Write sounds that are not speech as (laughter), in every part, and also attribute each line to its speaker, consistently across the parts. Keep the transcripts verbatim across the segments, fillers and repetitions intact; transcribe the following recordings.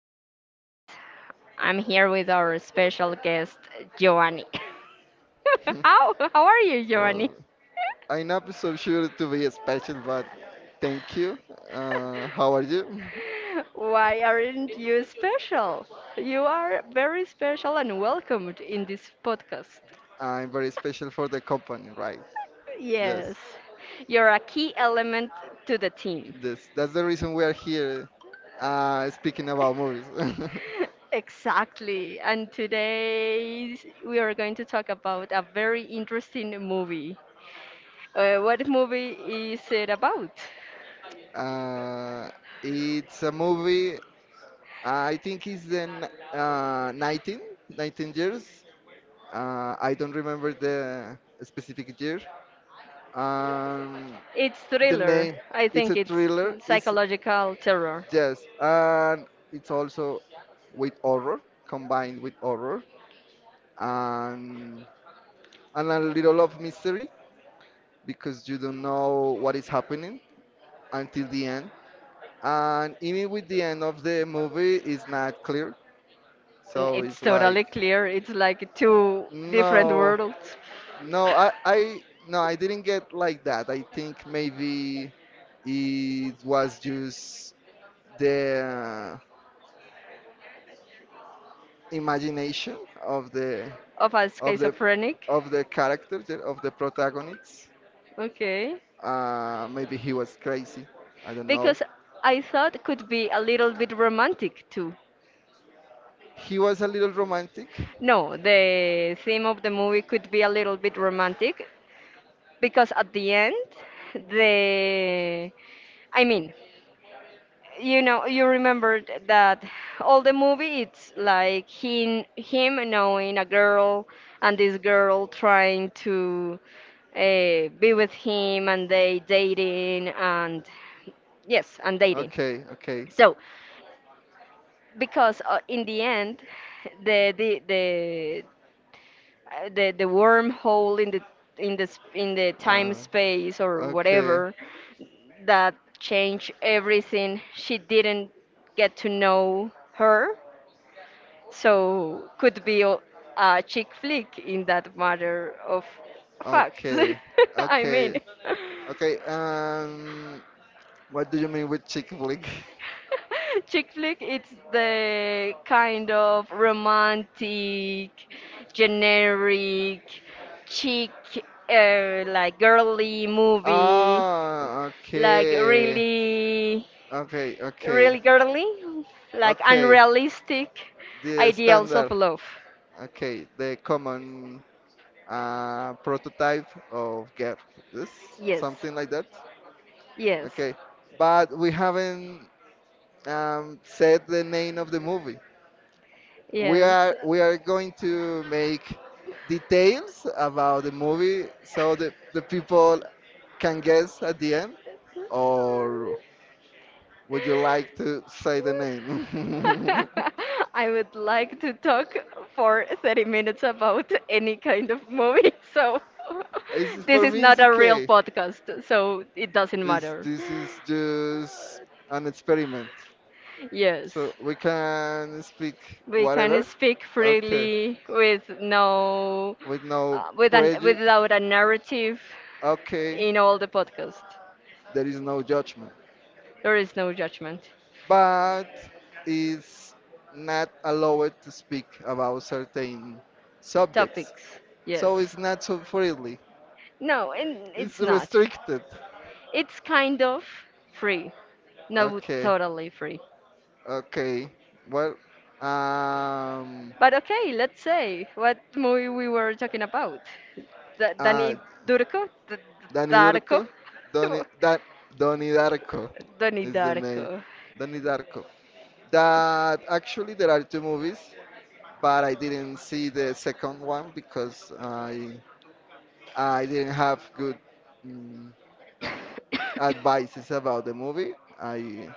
Speaker 1: podcast. I'm here with our special guest, Giovanni. (laughs)
Speaker 2: (laughs)
Speaker 1: how how are you, Giovanni?
Speaker 2: Well, I'm not so sure to be special, but thank you. Uh, how are you?
Speaker 1: (laughs) Why aren't you special? You are very special and welcomed in this podcast.
Speaker 2: (laughs) I'm very special for the company, right?
Speaker 1: Yes,
Speaker 2: Yes,
Speaker 1: you're a key element to the team.
Speaker 2: yes. That's the reason we are here, uh, speaking about movies.
Speaker 1: (laughs) Exactly. And today we are going to talk about a very interesting movie. Uh, what movie is it about?
Speaker 2: (laughs) uh, it's a movie. I think it's the n- uh, nineteen, nineteen years. Uh, I don't remember the specific year. Um,
Speaker 1: It's
Speaker 2: the
Speaker 1: thriller.
Speaker 2: name.
Speaker 1: I
Speaker 2: It's
Speaker 1: think
Speaker 2: a
Speaker 1: it's
Speaker 2: thriller. It's
Speaker 1: psychological terror.
Speaker 2: Yes, and it's also with horror, combined with horror, and and a little of mystery because you don't know what is happening until the end. And even with the end of the movie is not clear,
Speaker 1: And
Speaker 2: so
Speaker 1: it's
Speaker 2: it's like
Speaker 1: totally clear. It's like two different
Speaker 2: no,
Speaker 1: worlds
Speaker 2: no, I, I, no, I didn't get like that. I think maybe it was just the uh, imagination of the
Speaker 1: (laughs) of a
Speaker 2: of the
Speaker 1: schizophrenic.
Speaker 2: of the character, yeah, of the protagonists.
Speaker 1: Okay.
Speaker 2: Uh, maybe he was crazy. I don't know.
Speaker 1: Because I thought it could be a little bit romantic too.
Speaker 2: He was a little romantic.
Speaker 1: No, the theme of the movie could be a little bit romantic because at the end, the I mean, you know, you remembered that all the movie it's like him him knowing a girl and this girl trying to uh, be with him and they dating and yes, and dating.
Speaker 2: Okay, okay.
Speaker 1: So, because uh, in the end, the the the uh, the the wormhole in the in the sp- in the time
Speaker 2: Uh,
Speaker 1: space or
Speaker 2: okay,
Speaker 1: whatever that changed everything. She didn't get to know her, so could be a a chick flick in that matter of facts.
Speaker 2: okay,
Speaker 1: (laughs) I
Speaker 2: okay,
Speaker 1: mean.
Speaker 2: okay. Um, what do you mean with chick flick?
Speaker 1: (laughs) Chick flick, it's the kind of romantic,
Speaker 2: (laughs)
Speaker 1: generic, chick, uh, like girly movie,
Speaker 2: Ah,
Speaker 1: like
Speaker 2: okay.
Speaker 1: really,
Speaker 2: Okay,
Speaker 1: really
Speaker 2: okay.
Speaker 1: girly, like
Speaker 2: Okay.
Speaker 1: unrealistic
Speaker 2: The
Speaker 1: ideals of
Speaker 2: standard.
Speaker 1: love.
Speaker 2: Okay, the common uh, prototype of girl. This,
Speaker 1: Yes,
Speaker 2: something like that.
Speaker 1: yes,
Speaker 2: Okay, but we haven't um, said the name of the movie. we
Speaker 1: yes.
Speaker 2: are we are going to make details about the movie, so the, the people can guess at the end, or would you like to say the
Speaker 1: (laughs)
Speaker 2: name?
Speaker 1: I would like to talk for thirty minutes about any kind of movie, (laughs) so
Speaker 2: (laughs) it's
Speaker 1: (laughs) this
Speaker 2: For
Speaker 1: is
Speaker 2: me,
Speaker 1: not
Speaker 2: it's
Speaker 1: a real
Speaker 2: okay.
Speaker 1: podcast, so it doesn't
Speaker 2: It's,
Speaker 1: matter.
Speaker 2: this is just an experiment,
Speaker 1: Yes,
Speaker 2: so we can speak
Speaker 1: we can
Speaker 2: whatever.
Speaker 1: speak
Speaker 2: Okay.
Speaker 1: freely with no,
Speaker 2: With no
Speaker 1: uh, with an,
Speaker 2: prejudice.
Speaker 1: without a narrative
Speaker 2: Okay.
Speaker 1: in all the podcast.
Speaker 2: There is no judgment,
Speaker 1: There is no judgment.
Speaker 2: but is not allowed to speak about certain subjects.
Speaker 1: Topics,
Speaker 2: So
Speaker 1: yes.
Speaker 2: it's not so freely.
Speaker 1: No, and
Speaker 2: It's
Speaker 1: it's not.
Speaker 2: restricted.
Speaker 1: It's kind of free. No,
Speaker 2: Okay,
Speaker 1: totally free.
Speaker 2: okay. Well, um,
Speaker 1: But okay, let's say what movie we were talking about. Da
Speaker 2: uh,
Speaker 1: Dani Durko? D
Speaker 2: Dani
Speaker 1: Darko?
Speaker 2: Darko, Doni,
Speaker 1: (laughs)
Speaker 2: da, Doni Darko
Speaker 1: Dani
Speaker 2: is the name.
Speaker 1: Darko.
Speaker 2: Doni Darko. That actually there are two movies, but I didn't see the second one because I I didn't have good mm,
Speaker 1: (coughs)
Speaker 2: advices about the movie. I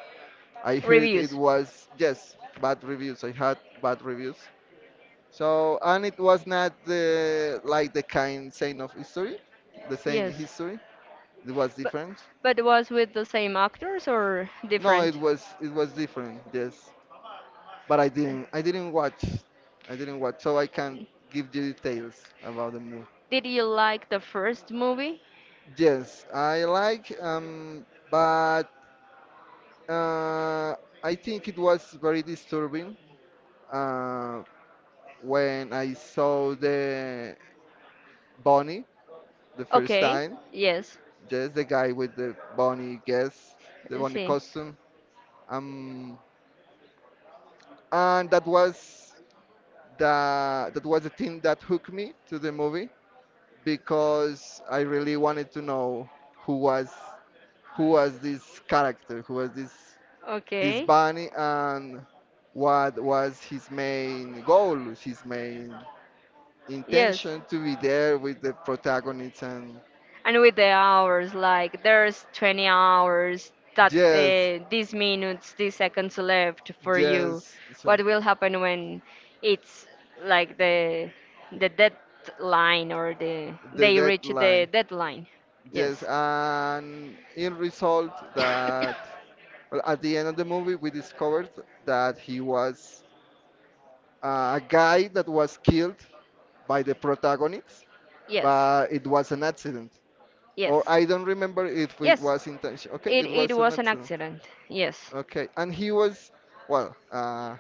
Speaker 2: I heard it
Speaker 1: Reviews.
Speaker 2: was, yes, bad reviews. I had bad reviews. So, and it was not the, like, the kind saying of history, the same
Speaker 1: Yes.
Speaker 2: history. It was
Speaker 1: But
Speaker 2: different.
Speaker 1: but was with the same actors or
Speaker 2: No, it
Speaker 1: different?
Speaker 2: was it was different. Yes, but I didn't I didn't watch. I didn't watch, so I can't give you details about the movie.
Speaker 1: Did you like the first movie?
Speaker 2: Yes, I like. Um, but uh, I think it was very disturbing. Uh, when I saw the bunny the first
Speaker 1: Okay.
Speaker 2: time.
Speaker 1: Yes.
Speaker 2: Yes, the guy with the bunny guess, the bunny
Speaker 1: Sí.
Speaker 2: costume. Um, and that was the that was the thing that hooked me to the movie because I really wanted to know who was who was this character, who was this this
Speaker 1: Okay.
Speaker 2: bunny, and what was his main goal, his main
Speaker 1: Yes.
Speaker 2: intention to be there with the protagonist and
Speaker 1: And with the hours like there's twenty hours that
Speaker 2: yes,
Speaker 1: uh, these minutes these seconds left for you,
Speaker 2: yes, so
Speaker 1: what will happen when it's like the the deadline or the
Speaker 2: the
Speaker 1: they reach the
Speaker 2: deadline.
Speaker 1: deadline?
Speaker 2: Yes,
Speaker 1: Yes.
Speaker 2: and in result that,
Speaker 1: (coughs)
Speaker 2: well, at the end of the movie we discovered that he was uh, a guy that was killed by the protagonist,
Speaker 1: Yes.
Speaker 2: but it was an accident. Or
Speaker 1: Yes.
Speaker 2: I don't remember if it
Speaker 1: Yes,
Speaker 2: was intention. Okay,
Speaker 1: it,
Speaker 2: it
Speaker 1: it
Speaker 2: was an
Speaker 1: was an
Speaker 2: accident.
Speaker 1: accident. Yes.
Speaker 2: Okay, and he was, well. Uh,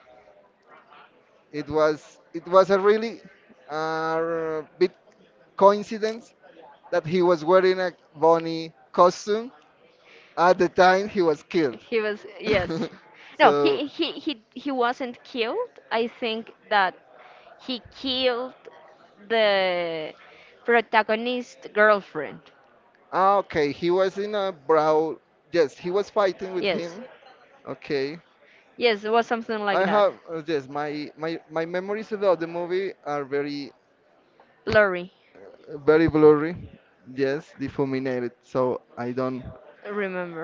Speaker 2: it was it was a really uh, big coincidence that he was wearing a bunny costume at the time he was killed.
Speaker 1: He was, yes.
Speaker 2: (laughs)
Speaker 1: no he
Speaker 2: So,
Speaker 1: he he he wasn't killed. I think that he killed the protagonist girlfriend.
Speaker 2: ah, okay, he was in a brawl. Yes, he was fighting with
Speaker 1: Yes.
Speaker 2: him. Okay.
Speaker 1: Yes, it was something like
Speaker 2: I
Speaker 1: that.
Speaker 2: have uh, Yes, my my my memories about the movie are very,
Speaker 1: Lori,
Speaker 2: very blurry. Yes, defuminated. So I don't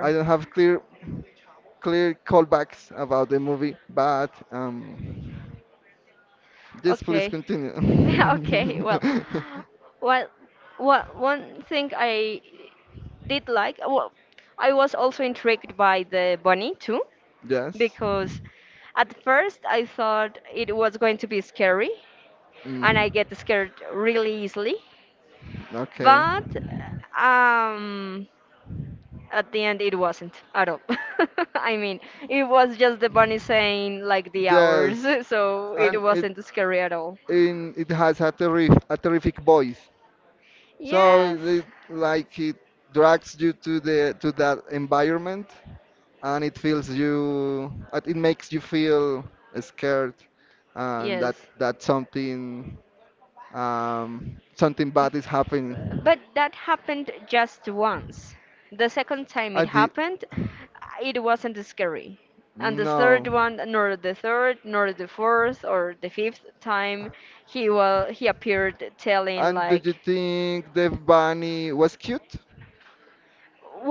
Speaker 2: I don't have clear clear callbacks about the movie, but um, just please
Speaker 1: Okay.
Speaker 2: continue.
Speaker 1: (laughs) okay, well,
Speaker 2: (laughs)
Speaker 1: well, what one thing I did like, well, I was also intrigued by the bunny too,
Speaker 2: Yes.
Speaker 1: because at first I thought it was going to be scary, and I
Speaker 2: Mhm.
Speaker 1: get scared really easily.
Speaker 2: Okay.
Speaker 1: But um, at the end, it wasn't at all. (laughs) I mean, it was just the bunny saying like the hours,
Speaker 2: Yes,
Speaker 1: (laughs) so it
Speaker 2: and it
Speaker 1: wasn't scary at all.
Speaker 2: in it has a terrif a terrific voice. So
Speaker 1: Yes,
Speaker 2: it, like it drags you to the to that environment, and it feels you. It it makes you feel scared, and that
Speaker 1: yes.
Speaker 2: that something um, something bad is happening.
Speaker 1: But that happened just once. The second time it
Speaker 2: I did.
Speaker 1: happened, it wasn't scary. And the third
Speaker 2: No.
Speaker 1: one, nor the third, nor the fourth, or the fifth time, he well, he appeared telling
Speaker 2: And do you
Speaker 1: like,
Speaker 2: think the bunny was cute?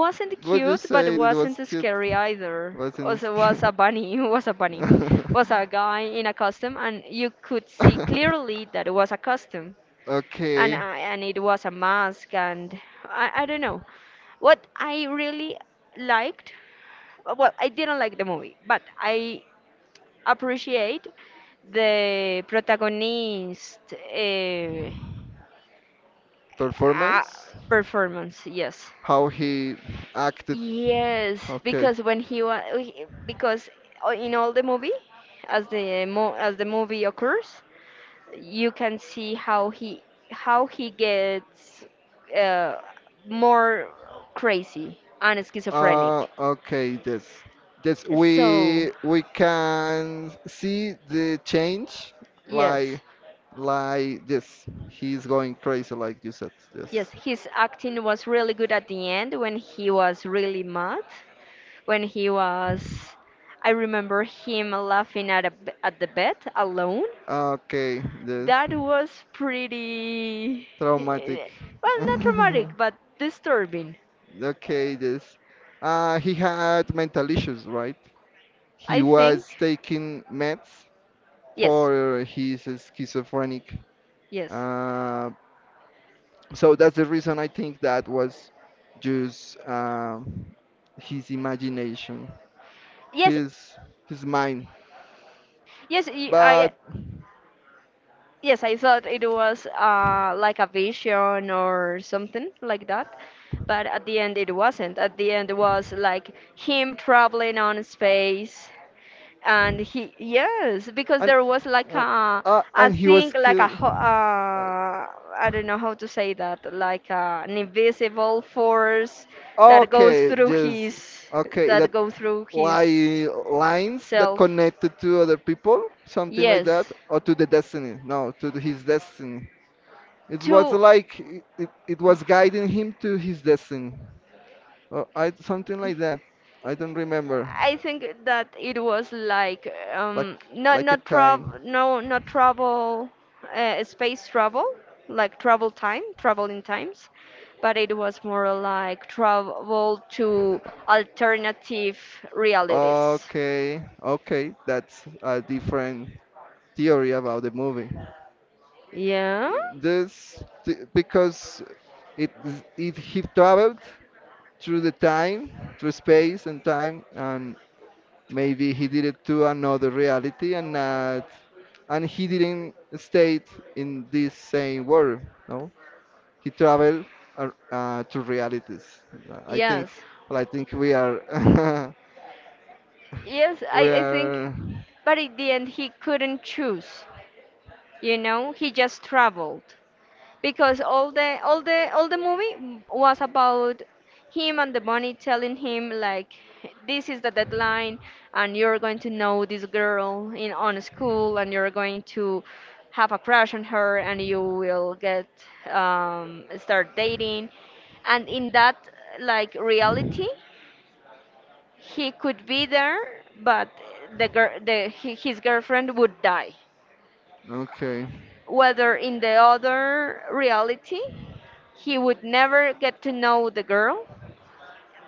Speaker 1: wasn't
Speaker 2: Would you
Speaker 1: cute, but
Speaker 2: say that it
Speaker 1: wasn't
Speaker 2: was cute?
Speaker 1: scary either.
Speaker 2: Wasn't it
Speaker 1: Also, was a
Speaker 2: cute?
Speaker 1: bunny. (laughs) Was a bunny. Was a guy in a costume, and you could see clearly that it
Speaker 2: (laughs)
Speaker 1: was a costume, and
Speaker 2: Okay,
Speaker 1: I and it was a mask, and I, I don't know. What I really liked, uh, well, I didn't like the movie, but I appreciate the protagonist uh, uh,
Speaker 2: performance?
Speaker 1: performance. Yes.
Speaker 2: How he acted?
Speaker 1: Yes,
Speaker 2: Okay.
Speaker 1: because when he was because o- in all the movie, as the mo as the movie occurs, you can see how he how he gets uh, more crazy and
Speaker 2: Uh,
Speaker 1: schizophrenic.
Speaker 2: okay, this, this
Speaker 1: So
Speaker 2: we we can see the change,
Speaker 1: yes,
Speaker 2: like like this. He's going crazy, like you said. Yes.
Speaker 1: yes, his acting was really good at the end when he was really mad, when he was. I remember him laughing at a, b- at the bed alone.
Speaker 2: Okay, this,
Speaker 1: That was pretty, (laughs)
Speaker 2: traumatic.
Speaker 1: well, not
Speaker 2: (laughs)
Speaker 1: traumatic, but disturbing.
Speaker 2: Okay, this. Uh, he had mental issues, right? He
Speaker 1: I think,
Speaker 2: was taking meds
Speaker 1: yes,
Speaker 2: for his schizophrenic.
Speaker 1: yes,
Speaker 2: Uh, so that's the reason I think that was just, um, his imagination,
Speaker 1: yes,
Speaker 2: his his mind.
Speaker 1: yes. y- I
Speaker 2: But
Speaker 1: Yes, I thought it was uh, like a vision or something like that, but at the end it wasn't. At the end it was like him traveling on space, and he yes because
Speaker 2: and
Speaker 1: there was like
Speaker 2: uh,
Speaker 1: a,
Speaker 2: uh,
Speaker 1: I
Speaker 2: and he was
Speaker 1: think like a
Speaker 2: killed.
Speaker 1: ho- uh, I
Speaker 2: Uh,
Speaker 1: don't know how to say that, like uh, an invisible force that goes
Speaker 2: Okay,
Speaker 1: through
Speaker 2: just
Speaker 1: his
Speaker 2: okay. That,
Speaker 1: that goes through his
Speaker 2: like lines that
Speaker 1: self,
Speaker 2: connected to other people, something like
Speaker 1: yes,
Speaker 2: that, or to the destiny. No, to the- his destiny. It was
Speaker 1: to.
Speaker 2: like, it, it, it was guiding him to his destiny. Or, I, something like that. I don't remember.
Speaker 1: I think that it was like
Speaker 2: Like
Speaker 1: um, not
Speaker 2: like a
Speaker 1: not travel,
Speaker 2: kind.
Speaker 1: no, not travel, uh, space travel, like travel time, traveling times, but it was more like travel to alternative realities.
Speaker 2: Okay, okay, that's a different theory about the movie.
Speaker 1: Yeah.
Speaker 2: This th- because it it he traveled through the time, through space and time, and maybe he did it to another reality and not, and he didn't stay in this same world. No, he traveled uh, uh, to realities. I
Speaker 1: Yes.
Speaker 2: think, well, I think we are, (laughs)
Speaker 1: Yes,
Speaker 2: we
Speaker 1: I, I think,
Speaker 2: are,
Speaker 1: but in the end, he couldn't choose. You know, he just traveled, because all the all the all the movie was about him and the bunny telling him like this is the deadline and you're going to know this girl in on school and you're going to have a crush on her and you will get um, start dating, and in that like reality he could be there, but the girl the hi- his girlfriend would die,
Speaker 2: okay.
Speaker 1: whether in the other reality he would never get to know the girl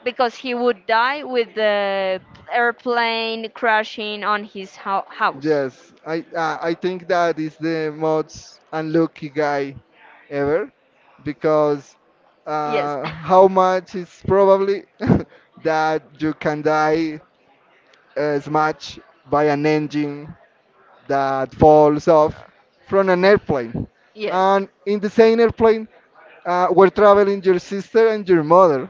Speaker 1: because he would die with the airplane crashing on his hou- house.
Speaker 2: Yes, I uh, I think that is the most unlucky guy ever because,
Speaker 1: Yes.
Speaker 2: uh,
Speaker 1: (laughs)
Speaker 2: how much is probably (laughs) that you can die, uh, smashed by an engine that falls off from an airplane.
Speaker 1: Yes.
Speaker 2: And in the same airplane, uh, were traveling your sister and your mother.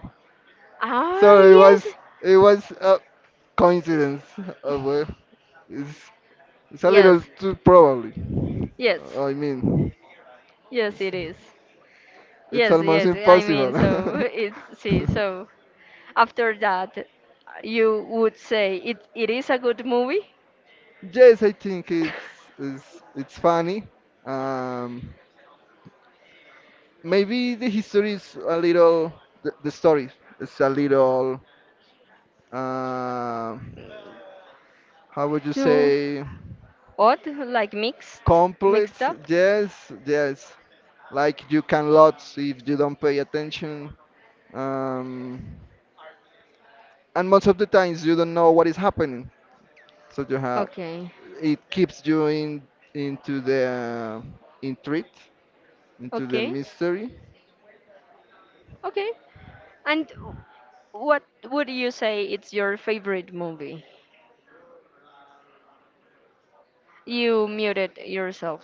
Speaker 1: Ah,
Speaker 2: So it
Speaker 1: yes.
Speaker 2: was it was a coincidence. Uh, well, it's, it's a
Speaker 1: Yes.
Speaker 2: little too probably.
Speaker 1: Yes.
Speaker 2: Uh, I mean,
Speaker 1: Yes,
Speaker 2: it's,
Speaker 1: it is.
Speaker 2: it's
Speaker 1: Yes,
Speaker 2: almost
Speaker 1: yes. I mean, so
Speaker 2: impossible.
Speaker 1: it's
Speaker 2: (laughs)
Speaker 1: see. So After that, you would say it it is a good movie.
Speaker 2: Yes, I think it's
Speaker 1: (laughs)
Speaker 2: it's, it's funny. Um, Maybe the history is a little, the, the story is a little, uh, how would you
Speaker 1: Too
Speaker 2: say?
Speaker 1: odd, like mixed,
Speaker 2: Complete.
Speaker 1: mixed up.
Speaker 2: Yes, yes, like you can lots if you don't pay attention, um, and most of the times you don't know what is happening, so you have
Speaker 1: Okay,
Speaker 2: it keeps you in into the intrigue, into the
Speaker 1: okay,
Speaker 2: mystery.
Speaker 1: okay. And what would you say it's your favorite movie? You muted yourself.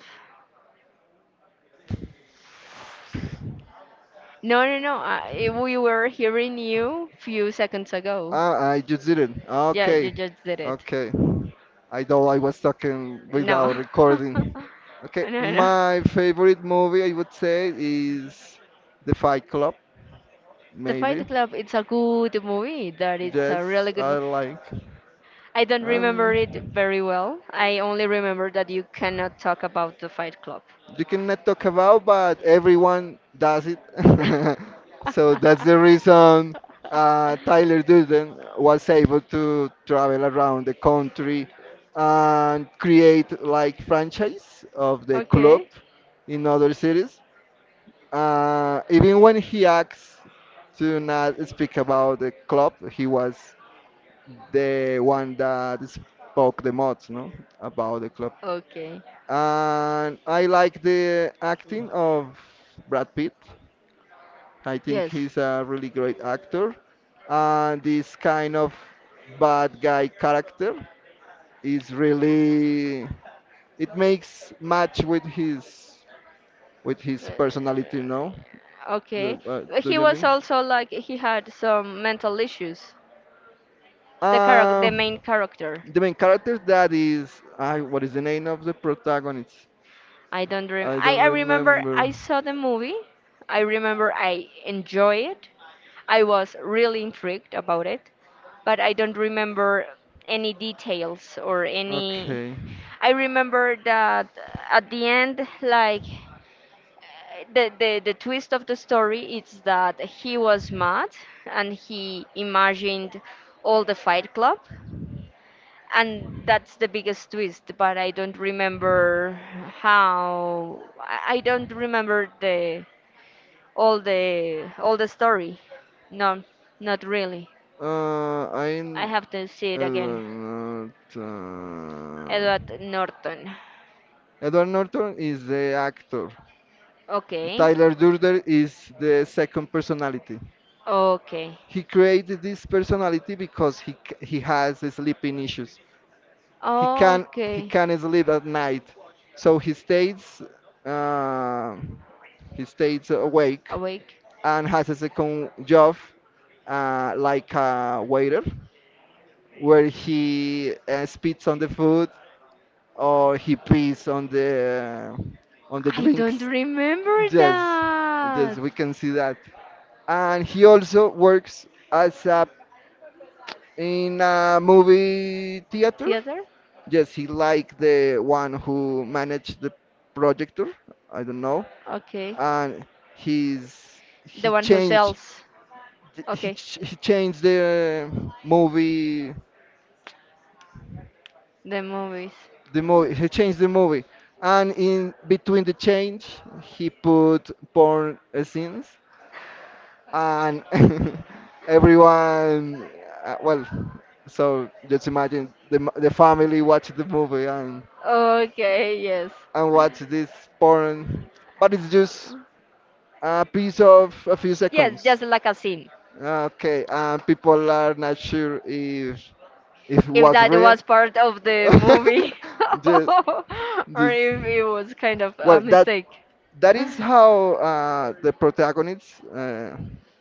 Speaker 1: No, no, no. I, we were hearing you few seconds ago.
Speaker 2: Ah, I just didn't.
Speaker 1: Yeah,
Speaker 2: Okay,
Speaker 1: you just did it.
Speaker 2: okay. I thought I was talking without
Speaker 1: No.
Speaker 2: recording.
Speaker 1: (laughs)
Speaker 2: Okay,
Speaker 1: No, no.
Speaker 2: my favorite movie, I would say, is The Fight Club,
Speaker 1: The
Speaker 2: maybe.
Speaker 1: Fight Club, it's a good movie. That it's a
Speaker 2: Yes,
Speaker 1: really good
Speaker 2: I
Speaker 1: movie.
Speaker 2: like.
Speaker 1: I don't remember it
Speaker 2: Um,
Speaker 1: very well. I only remember that you cannot talk about the Fight Club. (laughs)
Speaker 2: you cannot talk about, but everyone does it. (laughs) So that's the reason uh, Tyler Durden was able to travel around the country and create like franchise of the club
Speaker 1: Okay.
Speaker 2: in other cities. Uh, even when he acts to not speak about the club, he was the one that spoke the most, no, about the club.
Speaker 1: Okay.
Speaker 2: And I like the acting of Brad Pitt. I think
Speaker 1: Yes.
Speaker 2: he's a really great actor. And this kind of bad guy character is really it makes match with his with
Speaker 1: Uh,
Speaker 2: his personality, no?
Speaker 1: okay.
Speaker 2: The, uh,
Speaker 1: But
Speaker 2: do
Speaker 1: he
Speaker 2: you
Speaker 1: was
Speaker 2: mean?
Speaker 1: also like he had some mental issues. The character, the
Speaker 2: Uh,
Speaker 1: main character.
Speaker 2: the main character, that is I what is the name of the protagonist?
Speaker 1: I don't rem
Speaker 2: I
Speaker 1: I,
Speaker 2: don't
Speaker 1: I remember
Speaker 2: remember.
Speaker 1: I saw the movie. I remember I enjoyed it. I was really intrigued about it, but I don't remember any details or any.
Speaker 2: Okay.
Speaker 1: I remember that at the end like the, the the twist of the story is that he was mad and he imagined all the Fight Club, and that's the biggest twist. But I don't remember how. I I don't remember the all the all the story. No, not really.
Speaker 2: Uh,
Speaker 1: I
Speaker 2: I
Speaker 1: have to see it again.
Speaker 2: Edward Norton.
Speaker 1: Edward Norton.
Speaker 2: Edward Norton is the actor.
Speaker 1: Okay.
Speaker 2: Tyler Durden is the second personality.
Speaker 1: Okay.
Speaker 2: He created this personality because he c- he has sleeping issues. He can he
Speaker 1: Okay.
Speaker 2: can't sleep at night, so he stays uh, he stays awake
Speaker 1: Awake.
Speaker 2: and has a second job, uh, like a waiter, where he uh, spits on the food, or he pees on the on the
Speaker 1: I don't
Speaker 2: drinks.
Speaker 1: remember
Speaker 2: Yes, yes,
Speaker 1: that.
Speaker 2: we can see that. And he also works as a in a movie theater.
Speaker 1: Theater?
Speaker 2: Yes, he like the one who managed the projector. I don't know.
Speaker 1: Okay.
Speaker 2: And he's
Speaker 1: The
Speaker 2: he
Speaker 1: one who
Speaker 2: changed
Speaker 1: sells.
Speaker 2: he,
Speaker 1: Okay.
Speaker 2: ch- he changed the movie
Speaker 1: The movies.
Speaker 2: the movie. He changed the movie, and in between the change, he put porn, uh, scenes, and (laughs) everyone. Uh, well, so just imagine the m- the family watched the movie and
Speaker 1: Okay, yes.
Speaker 2: and watch this porn, but it's just a piece of a few
Speaker 1: Yes,
Speaker 2: seconds.
Speaker 1: just like a scene.
Speaker 2: Okay, and people are not sure if if it
Speaker 1: If
Speaker 2: was
Speaker 1: that
Speaker 2: real.
Speaker 1: was part of
Speaker 2: (laughs)
Speaker 1: the movie,
Speaker 2: Just,
Speaker 1: (laughs) or
Speaker 2: just.
Speaker 1: if it was kind of a
Speaker 2: Well, that
Speaker 1: mistake. (laughs)
Speaker 2: that is how, uh, the protagonists, uh,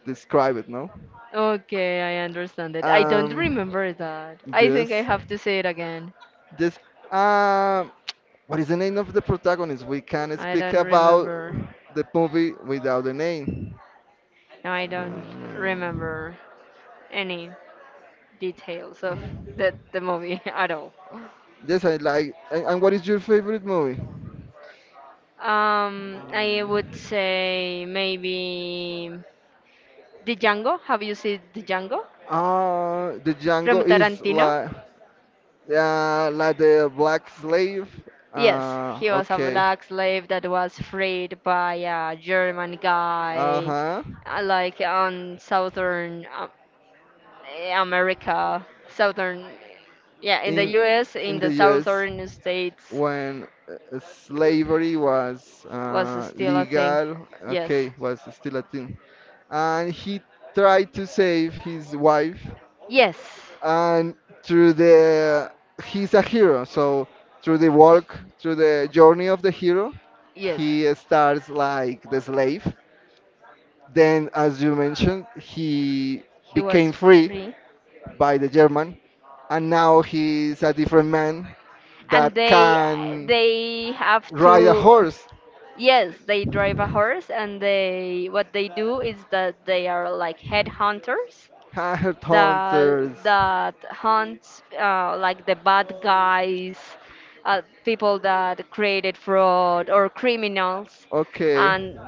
Speaker 2: describe it, no?
Speaker 1: Okay, I understand it. I don't
Speaker 2: Um,
Speaker 1: remember that. I think
Speaker 2: yes,
Speaker 1: I have to say it again.
Speaker 2: yes. Um, what is the name of the protagonist? We can
Speaker 1: I
Speaker 2: speak
Speaker 1: don't
Speaker 2: about
Speaker 1: remember.
Speaker 2: the movie without the name.
Speaker 1: No, I don't
Speaker 2: Um,
Speaker 1: remember any details of the, the movie (laughs) at all.
Speaker 2: yes, I like. And, and what is your favorite movie?
Speaker 1: Um, I would say maybe Django. Have you seen Django
Speaker 2: Uh, the
Speaker 1: from
Speaker 2: Django is
Speaker 1: Tarantino?
Speaker 2: like, uh, like the black slave.
Speaker 1: Yes,
Speaker 2: Uh,
Speaker 1: he was a
Speaker 2: okay.
Speaker 1: black slave that was freed by a German
Speaker 2: Uh
Speaker 1: guy,
Speaker 2: huh.
Speaker 1: uh, like on southern um, America, southern, yeah, in the
Speaker 2: in
Speaker 1: U S, in
Speaker 2: in
Speaker 1: the
Speaker 2: the U S
Speaker 1: southern states,
Speaker 2: when, uh, slavery was,
Speaker 1: was
Speaker 2: uh,
Speaker 1: still a thing.
Speaker 2: legal,
Speaker 1: Yes,
Speaker 2: okay, was still a thing, and he tried to save his wife,
Speaker 1: yes,
Speaker 2: and through the he's a hero, so through the work, through the journey of the hero,
Speaker 1: yes.
Speaker 2: he starts like the slave. Then, as you mentioned, he
Speaker 1: He was
Speaker 2: became free
Speaker 1: free.
Speaker 2: by the German, and now he's a different man that
Speaker 1: And they
Speaker 2: can
Speaker 1: they have to,
Speaker 2: ride a horse.
Speaker 1: yes, they drive a horse, and they what they do is that they are like headhunters
Speaker 2: Hard
Speaker 1: that
Speaker 2: hunters.
Speaker 1: that hunt uh, like the bad guys, uh, people that created fraud or criminals,
Speaker 2: Okay,
Speaker 1: and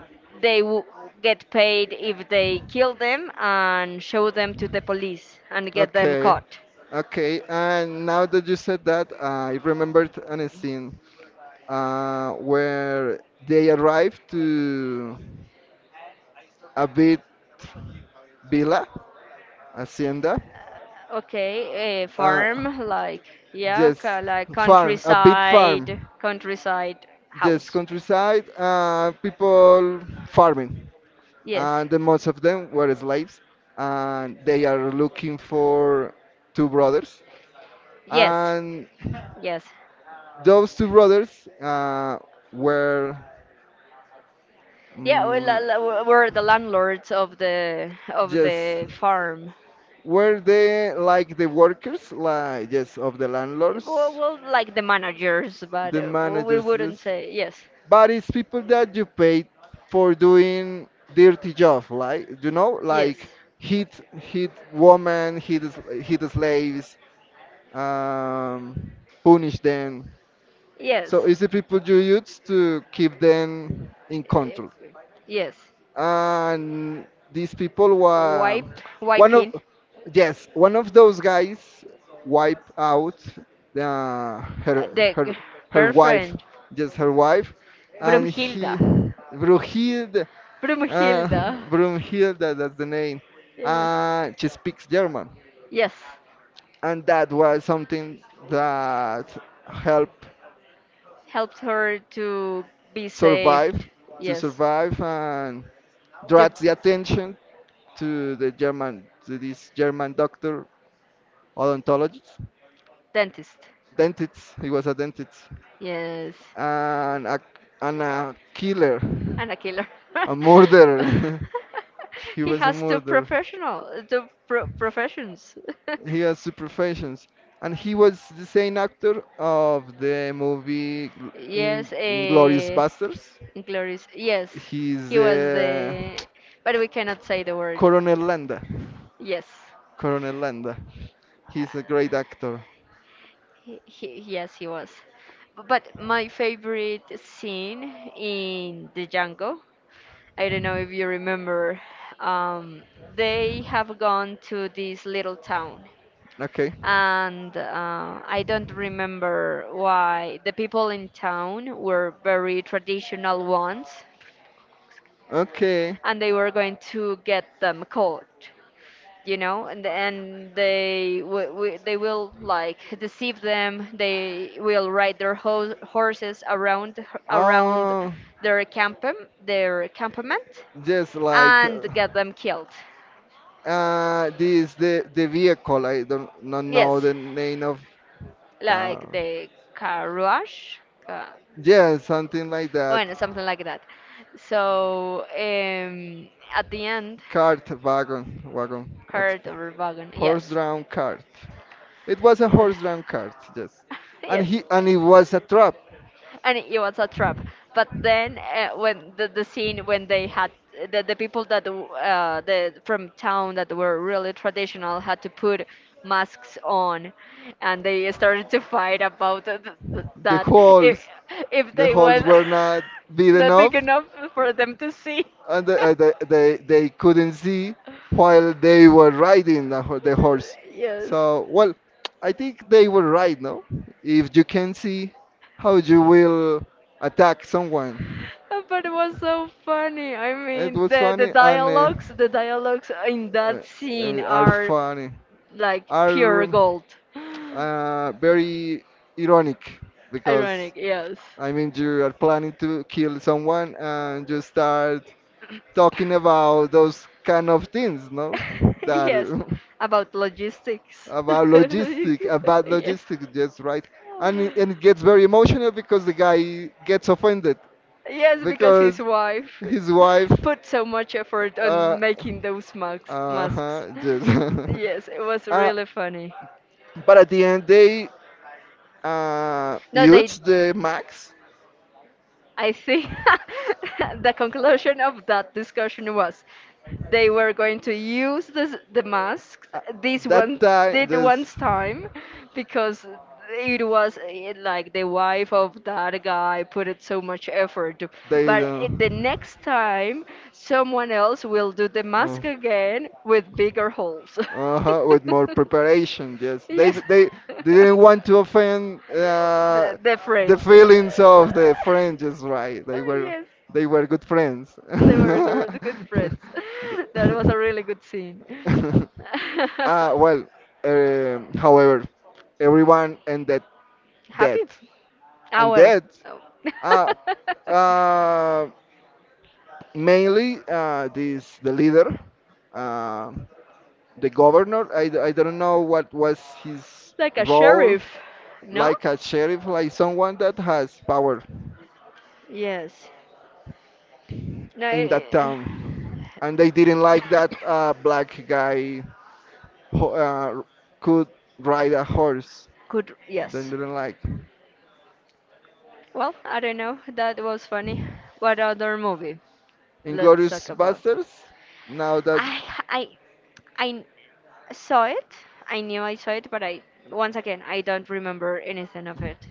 Speaker 1: they w- get paid if they kill them and show them to the police and get them
Speaker 2: okay,
Speaker 1: caught.
Speaker 2: okay. And now that you said that, I remembered a scene, uh, where they arrived to a bit, villa, hacienda.
Speaker 1: Okay, uh,
Speaker 2: Uh,
Speaker 1: farm, like, yeah,
Speaker 2: Yes,
Speaker 1: ca- like
Speaker 2: farm, a big
Speaker 1: countryside,
Speaker 2: farm.
Speaker 1: countryside
Speaker 2: Yes,
Speaker 1: house.
Speaker 2: countryside, uh, people farming.
Speaker 1: Yes,
Speaker 2: And the most of them were slaves, and they are looking for two brothers.
Speaker 1: yes,
Speaker 2: And
Speaker 1: yes.
Speaker 2: those two brothers, uh, were,
Speaker 1: Yeah, we la-
Speaker 2: mm,
Speaker 1: la- we- We're the landlords of the of
Speaker 2: yes,
Speaker 1: the farm.
Speaker 2: were they like the workers, like, yes, of the
Speaker 1: Well,
Speaker 2: landlords,
Speaker 1: well, like the managers, but
Speaker 2: the
Speaker 1: uh, we
Speaker 2: managers, yes.
Speaker 1: wouldn't say yes,
Speaker 2: But it's people that you pay for doing dirty job, like you know,
Speaker 1: yes,
Speaker 2: like hit hit woman, hit hit slaves, um, punish them.
Speaker 1: yes,
Speaker 2: So it's the people you use to keep them in
Speaker 1: eh,
Speaker 2: control
Speaker 1: yes.
Speaker 2: and these people were
Speaker 1: Wipe,
Speaker 2: one of,
Speaker 1: wiping.
Speaker 2: yes, one of those guys wiped out the, her
Speaker 1: Eh, the
Speaker 2: her
Speaker 1: g-
Speaker 2: her wife,
Speaker 1: girlfriend,
Speaker 2: just her wife. And he
Speaker 1: Brumhilda,
Speaker 2: Brunhilde, uh,
Speaker 1: Brumhilda.
Speaker 2: Brunhilde, that's the name.
Speaker 1: Yes,
Speaker 2: Uh, she speaks German
Speaker 1: yes.
Speaker 2: and that was something that helped
Speaker 1: Helped her to be saved.
Speaker 2: survive, to
Speaker 1: Yes,
Speaker 2: survive, and
Speaker 1: to
Speaker 2: draws the attention to the German, to this German doctor, odontologist,
Speaker 1: dentist.
Speaker 2: dentist. He was a dentist
Speaker 1: Yes,
Speaker 2: and a, and a killer,
Speaker 1: and a killer. (laughs)
Speaker 2: a
Speaker 1: But
Speaker 2: murderer. (laughs)
Speaker 1: (laughs)
Speaker 2: He
Speaker 1: he
Speaker 2: was a
Speaker 1: has two
Speaker 2: murderer.
Speaker 1: professional, two pro- professions.
Speaker 2: He has two professions, and he was the same actor of the movie
Speaker 1: (laughs) Yes,
Speaker 2: in Inglorious
Speaker 1: eh,
Speaker 2: Basterds.
Speaker 1: Inglourious. Yes,
Speaker 2: He's
Speaker 1: he was
Speaker 2: uh,
Speaker 1: the, but we cannot say the word.
Speaker 2: Coronel Landa.
Speaker 1: Yes.
Speaker 2: Coronel Landa. He's a
Speaker 1: Uh,
Speaker 2: great actor.
Speaker 1: he, he- yes, he was. B- But my favorite scene in the Django, I don't know if you remember, um, they have gone to this little town.
Speaker 2: Okay.
Speaker 1: And uh, I don't remember why the people in town were very traditional ones,
Speaker 2: Okay.
Speaker 1: and they were going to get them caught, you know, and and they w w they will like deceive them. They will ride their ho horses around around
Speaker 2: Uh,
Speaker 1: their camp their campament,
Speaker 2: just like uh,
Speaker 1: and get them killed.
Speaker 2: uh, this the the vehicle. I don't not know
Speaker 1: Yes,
Speaker 2: the name of
Speaker 1: like
Speaker 2: car.
Speaker 1: the carruaje. ca-
Speaker 2: Yeah, something like that.
Speaker 1: Bueno, something like that. So, um, at the end,
Speaker 2: Cart wagon, wagon,
Speaker 1: cart or wagon, yes.
Speaker 2: horse-drawn cart. It was a
Speaker 1: Uh,
Speaker 2: horse-drawn cart, yes.
Speaker 1: (laughs)
Speaker 2: And
Speaker 1: yes.
Speaker 2: he and it was a trap.
Speaker 1: And it was a trap. But then uh, when the, the scene when they had the, the people that uh, the from town that were really traditional had to put masks on, and they started to fight about th- th-
Speaker 2: the
Speaker 1: that if
Speaker 2: holes
Speaker 1: if
Speaker 2: the
Speaker 1: they were
Speaker 2: holes
Speaker 1: (laughs)
Speaker 2: were not big
Speaker 1: not big
Speaker 2: enough
Speaker 1: enough for them to see.
Speaker 2: and the, uh, the, they they couldn't see while they were riding the, ho- the horse
Speaker 1: (laughs) Yes.
Speaker 2: so well. I think they were right, no? If you can see, how you will attack someone?
Speaker 1: But it was so funny. I
Speaker 2: It
Speaker 1: mean,
Speaker 2: was
Speaker 1: the the
Speaker 2: funny and uh,
Speaker 1: dialogues, the dialogues in
Speaker 2: uh,
Speaker 1: that scene
Speaker 2: uh, are
Speaker 1: are
Speaker 2: funny,
Speaker 1: like pure
Speaker 2: are
Speaker 1: gold. (gasps)
Speaker 2: uh, very ironic because,
Speaker 1: Ironic, yes.
Speaker 2: I mean, you are planning to kill someone and you start talking about those kind of things, no?
Speaker 1: (laughs)
Speaker 2: That
Speaker 1: Yes, about
Speaker 2: (laughs)
Speaker 1: logistics. (laughs)
Speaker 2: about logistic, about
Speaker 1: Yes.
Speaker 2: logistics, just right. And it, and it gets very emotional because the guy gets offended
Speaker 1: Yes, because his
Speaker 2: because
Speaker 1: wife
Speaker 2: his wife,
Speaker 1: put so much effort
Speaker 2: uh,
Speaker 1: on making those masks.
Speaker 2: uh
Speaker 1: masks.
Speaker 2: huh, just.
Speaker 1: Yes, it was
Speaker 2: (laughs) uh,
Speaker 1: really funny.
Speaker 2: but at the end, they uh,
Speaker 1: No, they.
Speaker 2: used the max.
Speaker 1: I think (laughs) the conclusion of that discussion was they were going to use this, the masks
Speaker 2: Uh,
Speaker 1: this
Speaker 2: that
Speaker 1: one
Speaker 2: time,
Speaker 1: did once
Speaker 2: this.
Speaker 1: time because it was eh, like the wife of that guy put it so much effort
Speaker 2: They
Speaker 1: but eh, the
Speaker 2: don't.
Speaker 1: next time someone else will do the mask
Speaker 2: Oh.
Speaker 1: again with bigger holes.
Speaker 2: Uh-huh, with more preparation, yes.
Speaker 1: (laughs)
Speaker 2: They
Speaker 1: Yes.
Speaker 2: they didn't
Speaker 1: (laughs)
Speaker 2: want to offend uh,
Speaker 1: The,
Speaker 2: the
Speaker 1: different.
Speaker 2: feelings of the friends, just right. They
Speaker 1: (laughs)
Speaker 2: were
Speaker 1: Yes,
Speaker 2: they were good friends.
Speaker 1: they were
Speaker 2: (laughs)
Speaker 1: gr- good friends. (laughs) That was a
Speaker 2: The-
Speaker 1: really good scene. (laughs)
Speaker 2: (laughs) Ah, well, um, however, everyone ended
Speaker 1: Happy?
Speaker 2: dead.
Speaker 1: Ah,
Speaker 2: And
Speaker 1: well.
Speaker 2: dead?
Speaker 1: Oh.
Speaker 2: Ah, uh, mainly uh, this the leader, um the governor. I I d- I don't know what was his
Speaker 1: (laughs) Like a
Speaker 2: role,
Speaker 1: sheriff, no?
Speaker 2: like a sheriff, like someone that has power
Speaker 1: Yes. No,
Speaker 2: in
Speaker 1: it,
Speaker 2: that town, and they didn't like that uh, black guy who uh, could ride a horse.
Speaker 1: could,
Speaker 2: They
Speaker 1: yes.
Speaker 2: didn't like.
Speaker 1: Well, I don't know. That was funny. What other movie? Let's talk
Speaker 2: Inglorious
Speaker 1: about.
Speaker 2: Basterds. Now that,
Speaker 1: I, I, I, I saw it. I knew I saw it, but I once again I don't remember anything of it.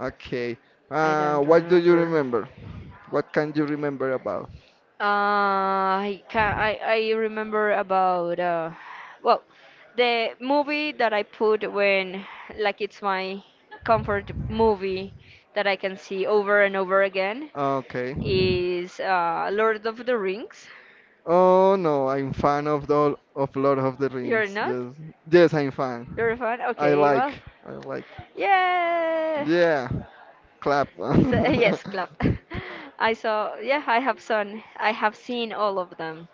Speaker 2: okay,
Speaker 1: I
Speaker 2: uh,
Speaker 1: don't
Speaker 2: what do you
Speaker 1: remember.
Speaker 2: remember? What can you remember about?
Speaker 1: Uh, I can I I remember about, uh, well, the movie that I put when like it's my comfort movie that I can see over and over again
Speaker 2: Okay.
Speaker 1: is, uh, Lord of the Rings.
Speaker 2: Oh no, I'm fan of the of Lord of the
Speaker 1: You're
Speaker 2: Rings.
Speaker 1: not?
Speaker 2: Yes, yes, I'm
Speaker 1: You're a
Speaker 2: fan.
Speaker 1: fan?
Speaker 2: I
Speaker 1: Okay, well,
Speaker 2: like, I like.
Speaker 1: yeah.
Speaker 2: Yeah, clap. (laughs)
Speaker 1: So (laughs)
Speaker 2: um,
Speaker 1: yes, club. (laughs) I saw. Yeah, I have seen. I have seen all of them.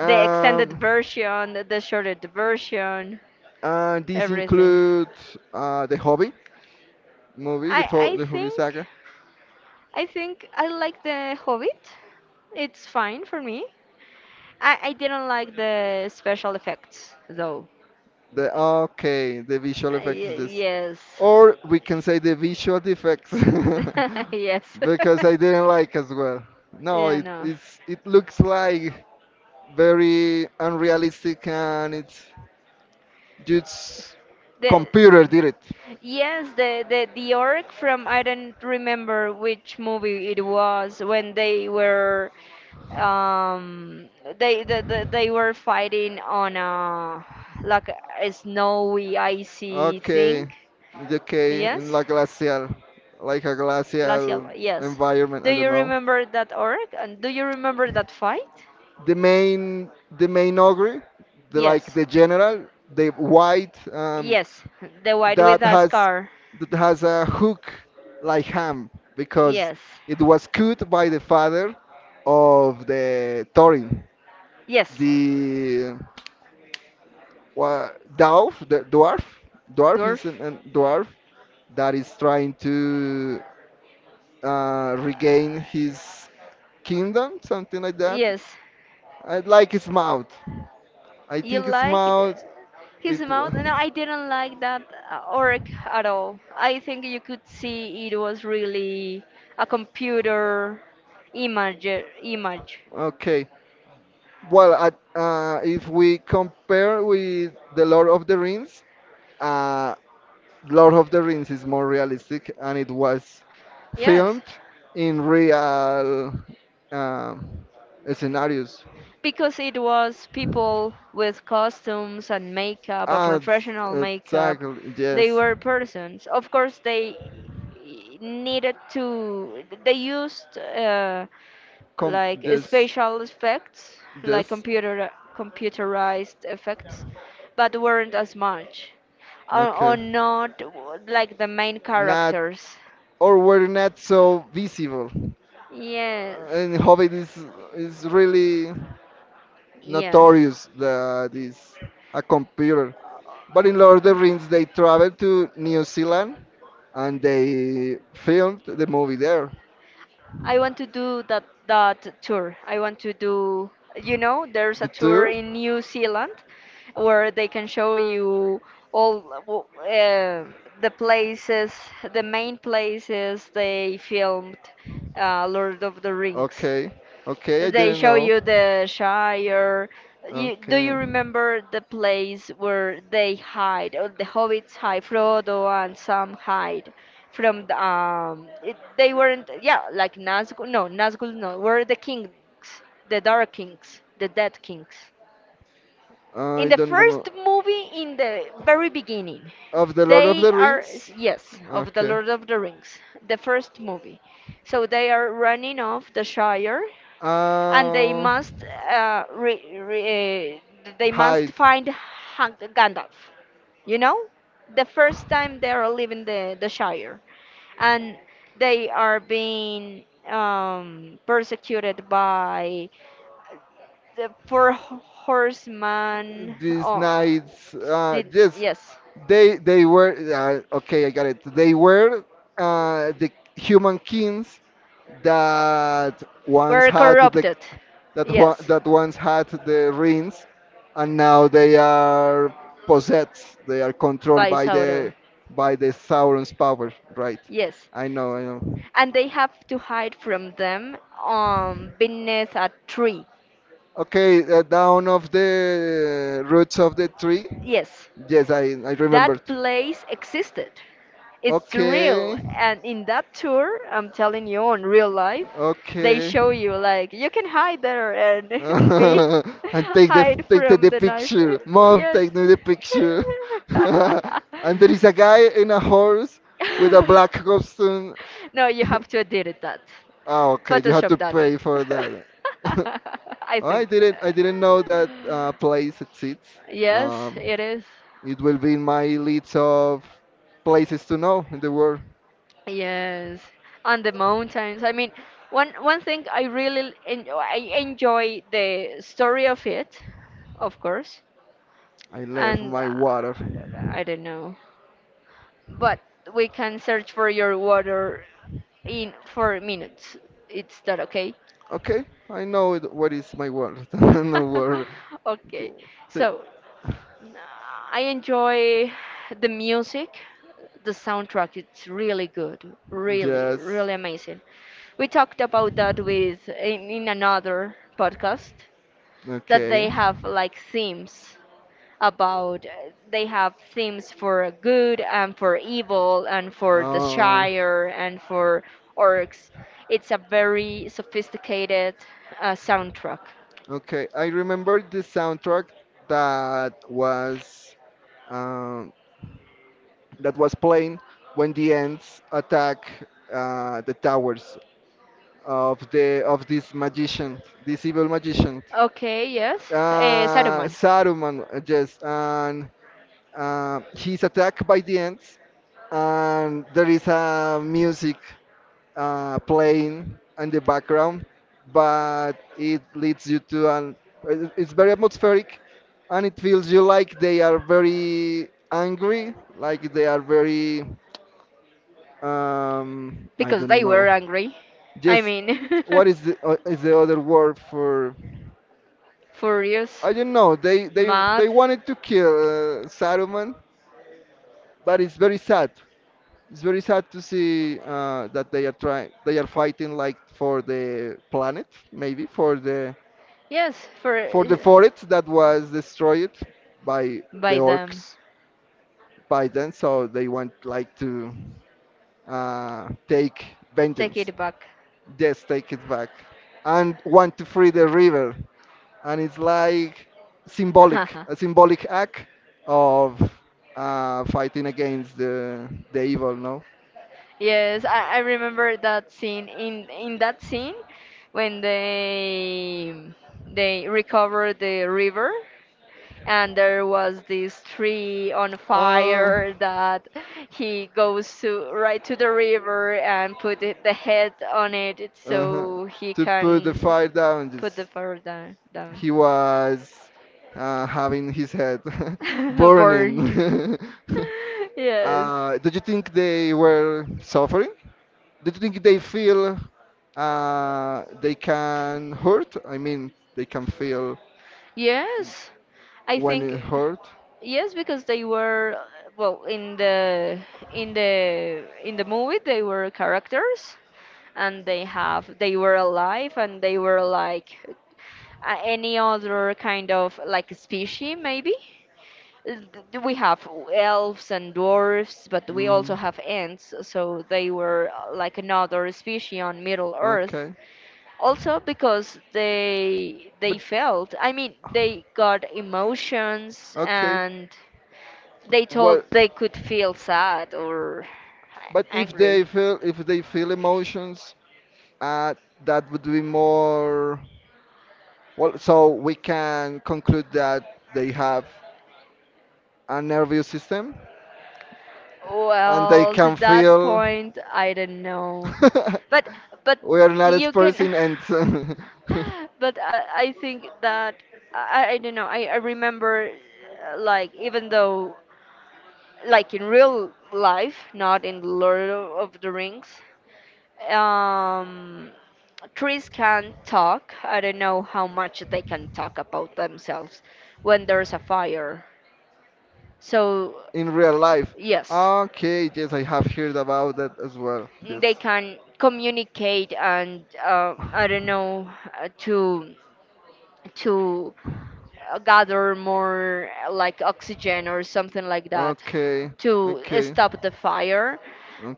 Speaker 1: The extended version, the shortened version,
Speaker 2: And this
Speaker 1: everything.
Speaker 2: includes uh, the Hobby movie, the
Speaker 1: I
Speaker 2: fo-
Speaker 1: I
Speaker 2: the Hobby
Speaker 1: think
Speaker 2: saga.
Speaker 1: I think I like the Hobbit. It's fine for me. I I didn't like the special effects though.
Speaker 2: The, okay, the visual
Speaker 1: Uh,
Speaker 2: effects is
Speaker 1: y-
Speaker 2: this,
Speaker 1: yes.
Speaker 2: or we can say the visual effects,
Speaker 1: (laughs) Yes.
Speaker 2: (laughs)
Speaker 1: (laughs)
Speaker 2: because I didn't like as well. No,
Speaker 1: Yeah,
Speaker 2: it
Speaker 1: no.
Speaker 2: it's, it looks like very unrealistic and it's just
Speaker 1: The
Speaker 2: computer did it.
Speaker 1: yes, the the the orc from I don't remember which movie it was when they were um they the, the, they were fighting on a like a snowy icy
Speaker 2: Okay,
Speaker 1: thing.
Speaker 2: okay, in
Speaker 1: Yes,
Speaker 2: la glacial, like a
Speaker 1: glacial.
Speaker 2: glacial
Speaker 1: Yes.
Speaker 2: environment.
Speaker 1: Do
Speaker 2: I don't
Speaker 1: you
Speaker 2: know.
Speaker 1: remember that orc? And do you remember that fight?
Speaker 2: The main, the main ogre, the, like
Speaker 1: Yes.
Speaker 2: the general, the white, um,
Speaker 1: Yes. The white with
Speaker 2: that
Speaker 1: a
Speaker 2: has
Speaker 1: scar.
Speaker 2: that has a hook like ham because
Speaker 1: Yes.
Speaker 2: it was cut by the father of the Thorin,
Speaker 1: Yes.
Speaker 2: the wha- dwarf, the dwarf, dwarf is
Speaker 1: Dwarf.
Speaker 2: an, an dwarf that is trying to uh,
Speaker 1: Uh,
Speaker 2: regain his kingdom, something like that.
Speaker 1: Yes.
Speaker 2: I like his mouth. I
Speaker 1: You
Speaker 2: think his
Speaker 1: liked
Speaker 2: mouth.
Speaker 1: his
Speaker 2: It.
Speaker 1: mouth? No,
Speaker 2: Wa-
Speaker 1: I didn't like that, uh, orc at all. I think you could see it was really a computer image. Image,
Speaker 2: Okay. Well, at, uh, if we compare with The Lord of the Rings, uh, Lord of the Rings is more realistic and it was
Speaker 1: yes,
Speaker 2: filmed in real um, scenarios.
Speaker 1: because it was people with costumes and makeup, a
Speaker 2: Ah,
Speaker 1: professional makeup.
Speaker 2: exactly.
Speaker 1: They
Speaker 2: Yes.
Speaker 1: were persons. Of course, they needed to. They used, uh,
Speaker 2: Com-
Speaker 1: like
Speaker 2: yes.
Speaker 1: spatial effects, like
Speaker 2: Yes.
Speaker 1: computer computerized effects, but weren't as much, or, or
Speaker 2: Okay.
Speaker 1: not w- like the main
Speaker 2: Not
Speaker 1: characters.
Speaker 2: or were not so visible.
Speaker 1: Yes,
Speaker 2: Uh, and Hobbit is is really
Speaker 1: yes.
Speaker 2: notorious that is a computer. But in Lord of the Rings, they traveled to New Zealand and they filmed the movie there.
Speaker 1: I want to do that that tour. I want to do. You know, there's
Speaker 2: The
Speaker 1: a tour
Speaker 2: tour?
Speaker 1: in New Zealand where they can show you all w- uh, the places, the main places they filmed, uh, Lord of the Rings.
Speaker 2: Okay, okay, I
Speaker 1: They
Speaker 2: didn't
Speaker 1: show
Speaker 2: know.
Speaker 1: you the Shire. You, do you
Speaker 2: Okay,
Speaker 1: remember the place where they hide, or the hobbits hide, Frodo and Sam hide from the, um, it, they weren't, yeah, like Nazgul, no, Nazgul, no, were the kings, the Dark Kings, the Dead Kings. In
Speaker 2: I
Speaker 1: the
Speaker 2: don't remember.
Speaker 1: first movie, in the very beginning,
Speaker 2: Of the Lord of
Speaker 1: they
Speaker 2: the
Speaker 1: are,
Speaker 2: Rings?
Speaker 1: yes, of the
Speaker 2: Okay.
Speaker 1: Lord of the Rings, the first movie. So they are running off the Shire and they
Speaker 2: Uh,
Speaker 1: must, uh, re, re, uh, they must
Speaker 2: Hide.
Speaker 1: find Han- Gandalf. You know, the first time they are leaving the the Shire, and they are being, um, persecuted by the four ho- horsemen.
Speaker 2: These
Speaker 1: Oh,
Speaker 2: nights, uh,
Speaker 1: did,
Speaker 2: yes,
Speaker 1: yes,
Speaker 2: they they were, uh, okay. I got it. They were uh, the human kings that once
Speaker 1: were
Speaker 2: had the
Speaker 1: corrupted.
Speaker 2: that wa-
Speaker 1: Yes,
Speaker 2: that once had the rings and now they are possessed, they are controlled
Speaker 1: by
Speaker 2: by
Speaker 1: Sauron.
Speaker 2: the by the Sauron's power, right?
Speaker 1: Yes,
Speaker 2: I know, I know.
Speaker 1: and they have to hide from them, um, beneath a tree.
Speaker 2: Okay, uh, down of the roots of the tree.
Speaker 1: Yes,
Speaker 2: Yes, i i remembered.
Speaker 1: that place existed. It's real,
Speaker 2: Okay,
Speaker 1: and in that tour, I'm telling you, on real life, they
Speaker 2: okay.
Speaker 1: show you like you can hide there and
Speaker 2: (laughs)
Speaker 1: (laughs) be
Speaker 2: And take the
Speaker 1: hide
Speaker 2: take the,
Speaker 1: from
Speaker 2: the
Speaker 1: the knife.
Speaker 2: picture, mom,
Speaker 1: Yes.
Speaker 2: take me the picture. (laughs) And there is a guy in a horse with a black costume.
Speaker 1: (laughs) No, you
Speaker 2: (laughs)
Speaker 1: have to edit that,
Speaker 2: Oh, okay. You have
Speaker 1: Photoshop
Speaker 2: to
Speaker 1: that.
Speaker 2: pay for that. (laughs)
Speaker 1: (laughs) I
Speaker 2: Oh,
Speaker 1: think.
Speaker 2: I didn't. I didn't know that uh, place exists.
Speaker 1: Yes,
Speaker 2: Um,
Speaker 1: it is.
Speaker 2: it will be in my list of places to know in the world.
Speaker 1: Yes, on the mountains. I mean, one one thing I really enjoy, I enjoy the story of it, of course,
Speaker 2: I left
Speaker 1: and, uh,
Speaker 2: my water.
Speaker 1: I don't know, but we can search for your water in four minutes. It's that okay?
Speaker 2: Okay, I know it, what is my water. (laughs) No water.
Speaker 1: (laughs)
Speaker 2: Okay.
Speaker 1: Okay.
Speaker 2: So,
Speaker 1: So I enjoy the music, the soundtrack. It's really good, really,
Speaker 2: just
Speaker 1: really amazing. We talked about that with in, in another podcast that
Speaker 2: okay.
Speaker 1: they have like themes about they have themes for good and for evil and for the
Speaker 2: Uh,
Speaker 1: Shire and for orcs. It's a very sophisticated, uh, soundtrack.
Speaker 2: okay, I remember the soundtrack that was um, that was playing when the ants attack uh, the towers of the of this magician, this evil magician.
Speaker 1: Okay, yes. Uh,
Speaker 2: Uh,
Speaker 1: Saruman.
Speaker 2: Saruman, uh, yes, and uh, he's attacked by the ants, and there is a music uh, playing in the background, but it leads you to an. It- It's very atmospheric, and it feels you like they are very angry, like they are very. Um, I
Speaker 1: Because
Speaker 2: don't
Speaker 1: they
Speaker 2: know.
Speaker 1: were angry. I
Speaker 2: Yes,
Speaker 1: mean,
Speaker 2: what is the uh,
Speaker 1: (laughs)
Speaker 2: is the other word for?
Speaker 1: furious,
Speaker 2: I don't know. They they
Speaker 1: mad.
Speaker 2: they wanted to kill uh, Saruman, but it's very sad. It's very sad to see uh, that they are trying, they are fighting like for the planet, maybe for the,
Speaker 1: Yes, for
Speaker 2: for the forest that was destroyed by the
Speaker 1: by them.
Speaker 2: orcs by then. So they want like to uh, take
Speaker 1: Take
Speaker 2: vengeance.
Speaker 1: it back.
Speaker 2: Yes, take it back, and want to free the river. And it's like symbolic,
Speaker 1: (laughs)
Speaker 2: a symbolic act of uh, fighting against the the evil. No.
Speaker 1: Yes, I, I remember that scene. In in that scene, when they they recover the river, and there was this tree on
Speaker 2: Uh,
Speaker 1: fire that he goes to right to the river and put it, the head on it
Speaker 2: uh huh.
Speaker 1: so he
Speaker 2: To put the
Speaker 1: can
Speaker 2: fire down.
Speaker 1: put the
Speaker 2: Just
Speaker 1: fire down down
Speaker 2: he was uh, having his head (laughs)
Speaker 1: (laughs) Burned.
Speaker 2: burning. (laughs)
Speaker 1: (laughs) Yes,
Speaker 2: Uh, do you think they were suffering? Do you think they feel uh, they can hurt? I mean, they can feel
Speaker 1: yes I
Speaker 2: when
Speaker 1: think
Speaker 2: it hurt.
Speaker 1: yes because they were well in the in the in the movie they were characters and they have they were alive and they were like, uh, any other kind of like species maybe. Th- we have elves and dwarfs but we also
Speaker 2: Mhm.
Speaker 1: have ants so they were, uh, like another species on middle earth
Speaker 2: Okay,
Speaker 1: also because they
Speaker 2: but
Speaker 1: they felt I mean they got emotions
Speaker 2: okay,
Speaker 1: and they told
Speaker 2: well,
Speaker 1: they could feel sad or
Speaker 2: but if they
Speaker 1: angry.
Speaker 2: feel, if they feel emotions, uh, that would be more well. So we can conclude that they have a nervous system and they
Speaker 1: Well, to
Speaker 2: can
Speaker 1: that
Speaker 2: feel.
Speaker 1: point, I don't know, but
Speaker 2: (laughs)
Speaker 1: but
Speaker 2: We are not
Speaker 1: you can,
Speaker 2: experiencing and (laughs)
Speaker 1: (sighs) but I, I think that I, I don't know. I, I remember, uh, like even though like in real life, not in Lord of the Rings, um, trees can talk. I don't know how much they can talk about themselves when there's a fire. So
Speaker 2: in real life.
Speaker 1: yes,
Speaker 2: Okay, yes, I have heard about that as well. Yes.
Speaker 1: they can communicate and, uh, I don't know uh, to to uh, gather more, uh, like oxygen or something like that
Speaker 2: Okay,
Speaker 1: to
Speaker 2: okay.
Speaker 1: stop the fire.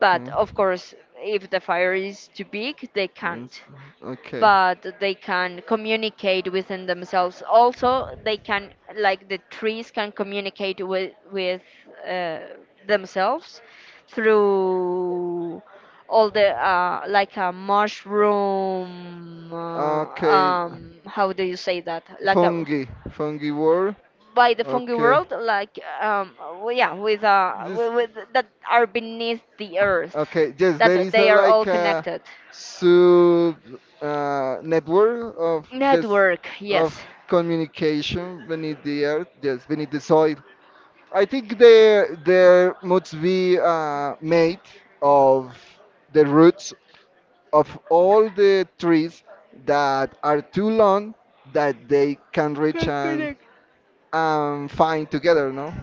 Speaker 1: But of course, if the fire is too big, they can't,
Speaker 2: Yes. Okay.
Speaker 1: but they can communicate within themselves. Also, they can, like the trees, can communicate with with uh, themselves through all the, uh, like a mushroom. Uh,
Speaker 2: Okay.
Speaker 1: um, how do you say that? Like a
Speaker 2: Fungi. Fungi word.
Speaker 1: by the fungi
Speaker 2: Okay.
Speaker 1: world, like, um, w- yeah, with, uh,
Speaker 2: This.
Speaker 1: with, with that are beneath the earth,
Speaker 2: Okay. Yes, there
Speaker 1: that
Speaker 2: is a
Speaker 1: they are all
Speaker 2: like a
Speaker 1: connected.
Speaker 2: sub uh, network of this
Speaker 1: Network,
Speaker 2: of
Speaker 1: yes.
Speaker 2: communication beneath the earth. Yes, beneath the soil. I think there there must be uh, made of the roots of all the trees that are too long that they can reach and
Speaker 1: Connect.
Speaker 2: um, find together, no,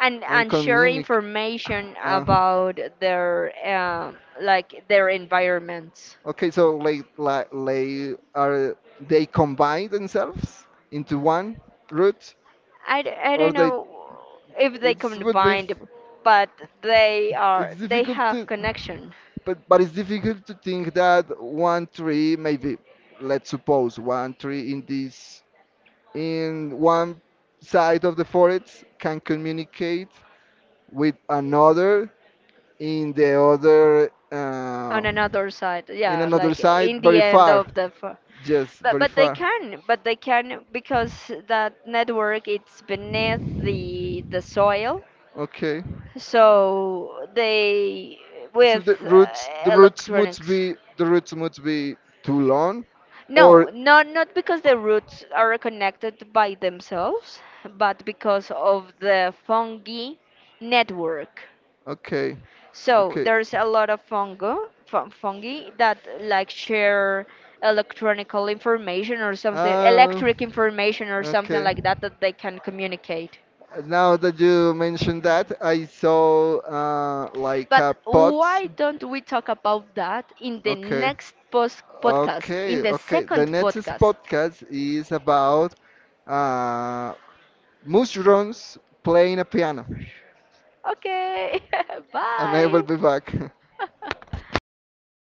Speaker 1: and
Speaker 2: and
Speaker 1: and share
Speaker 2: communicate.
Speaker 1: information
Speaker 2: Uh,
Speaker 1: about their, um, like their environments.
Speaker 2: okay, so like like they are they combine themselves into one root,
Speaker 1: I, d- I
Speaker 2: or
Speaker 1: don't
Speaker 2: they
Speaker 1: know if they
Speaker 2: it would be.
Speaker 1: combined, but they are
Speaker 2: It's
Speaker 1: they
Speaker 2: difficult
Speaker 1: have
Speaker 2: to,
Speaker 1: connection
Speaker 2: but but it's difficult to think that one tree maybe, let's suppose one tree in this in one side of the forest can communicate with another in the other
Speaker 1: on
Speaker 2: uh,
Speaker 1: another side.
Speaker 2: in
Speaker 1: Yeah,
Speaker 2: another
Speaker 1: like
Speaker 2: side
Speaker 1: in the
Speaker 2: very
Speaker 1: end
Speaker 2: far.
Speaker 1: of the, f-
Speaker 2: Yes,
Speaker 1: but
Speaker 2: very
Speaker 1: but they
Speaker 2: far.
Speaker 1: can, but they can because that network it's beneath the the soil,
Speaker 2: Okay.
Speaker 1: so they
Speaker 2: So
Speaker 1: with,
Speaker 2: the roots the
Speaker 1: uh,
Speaker 2: roots must
Speaker 1: electronics.
Speaker 2: be, the roots must be too long,
Speaker 1: No,
Speaker 2: or
Speaker 1: not not because the roots are connected by themselves, but because of the fungi network.
Speaker 2: okay,
Speaker 1: So
Speaker 2: okay.
Speaker 1: there's a lot of fungo, fun, fungi that like share electronical information or something,
Speaker 2: Uh,
Speaker 1: electric information or something
Speaker 2: okay.
Speaker 1: like that that they can communicate.
Speaker 2: Now that you mentioned that, I saw uh, like
Speaker 1: But
Speaker 2: a pot.
Speaker 1: why don't we talk about that in the
Speaker 2: Okay.
Speaker 1: next post podcast, in
Speaker 2: Okay,
Speaker 1: the
Speaker 2: okay. The
Speaker 1: second
Speaker 2: next
Speaker 1: podcast?
Speaker 2: podcast is about uh, mushrooms playing a piano.
Speaker 1: Okay. (laughs)
Speaker 2: And I will
Speaker 1: Bye.
Speaker 2: be back. (laughs)
Speaker 1: (laughs)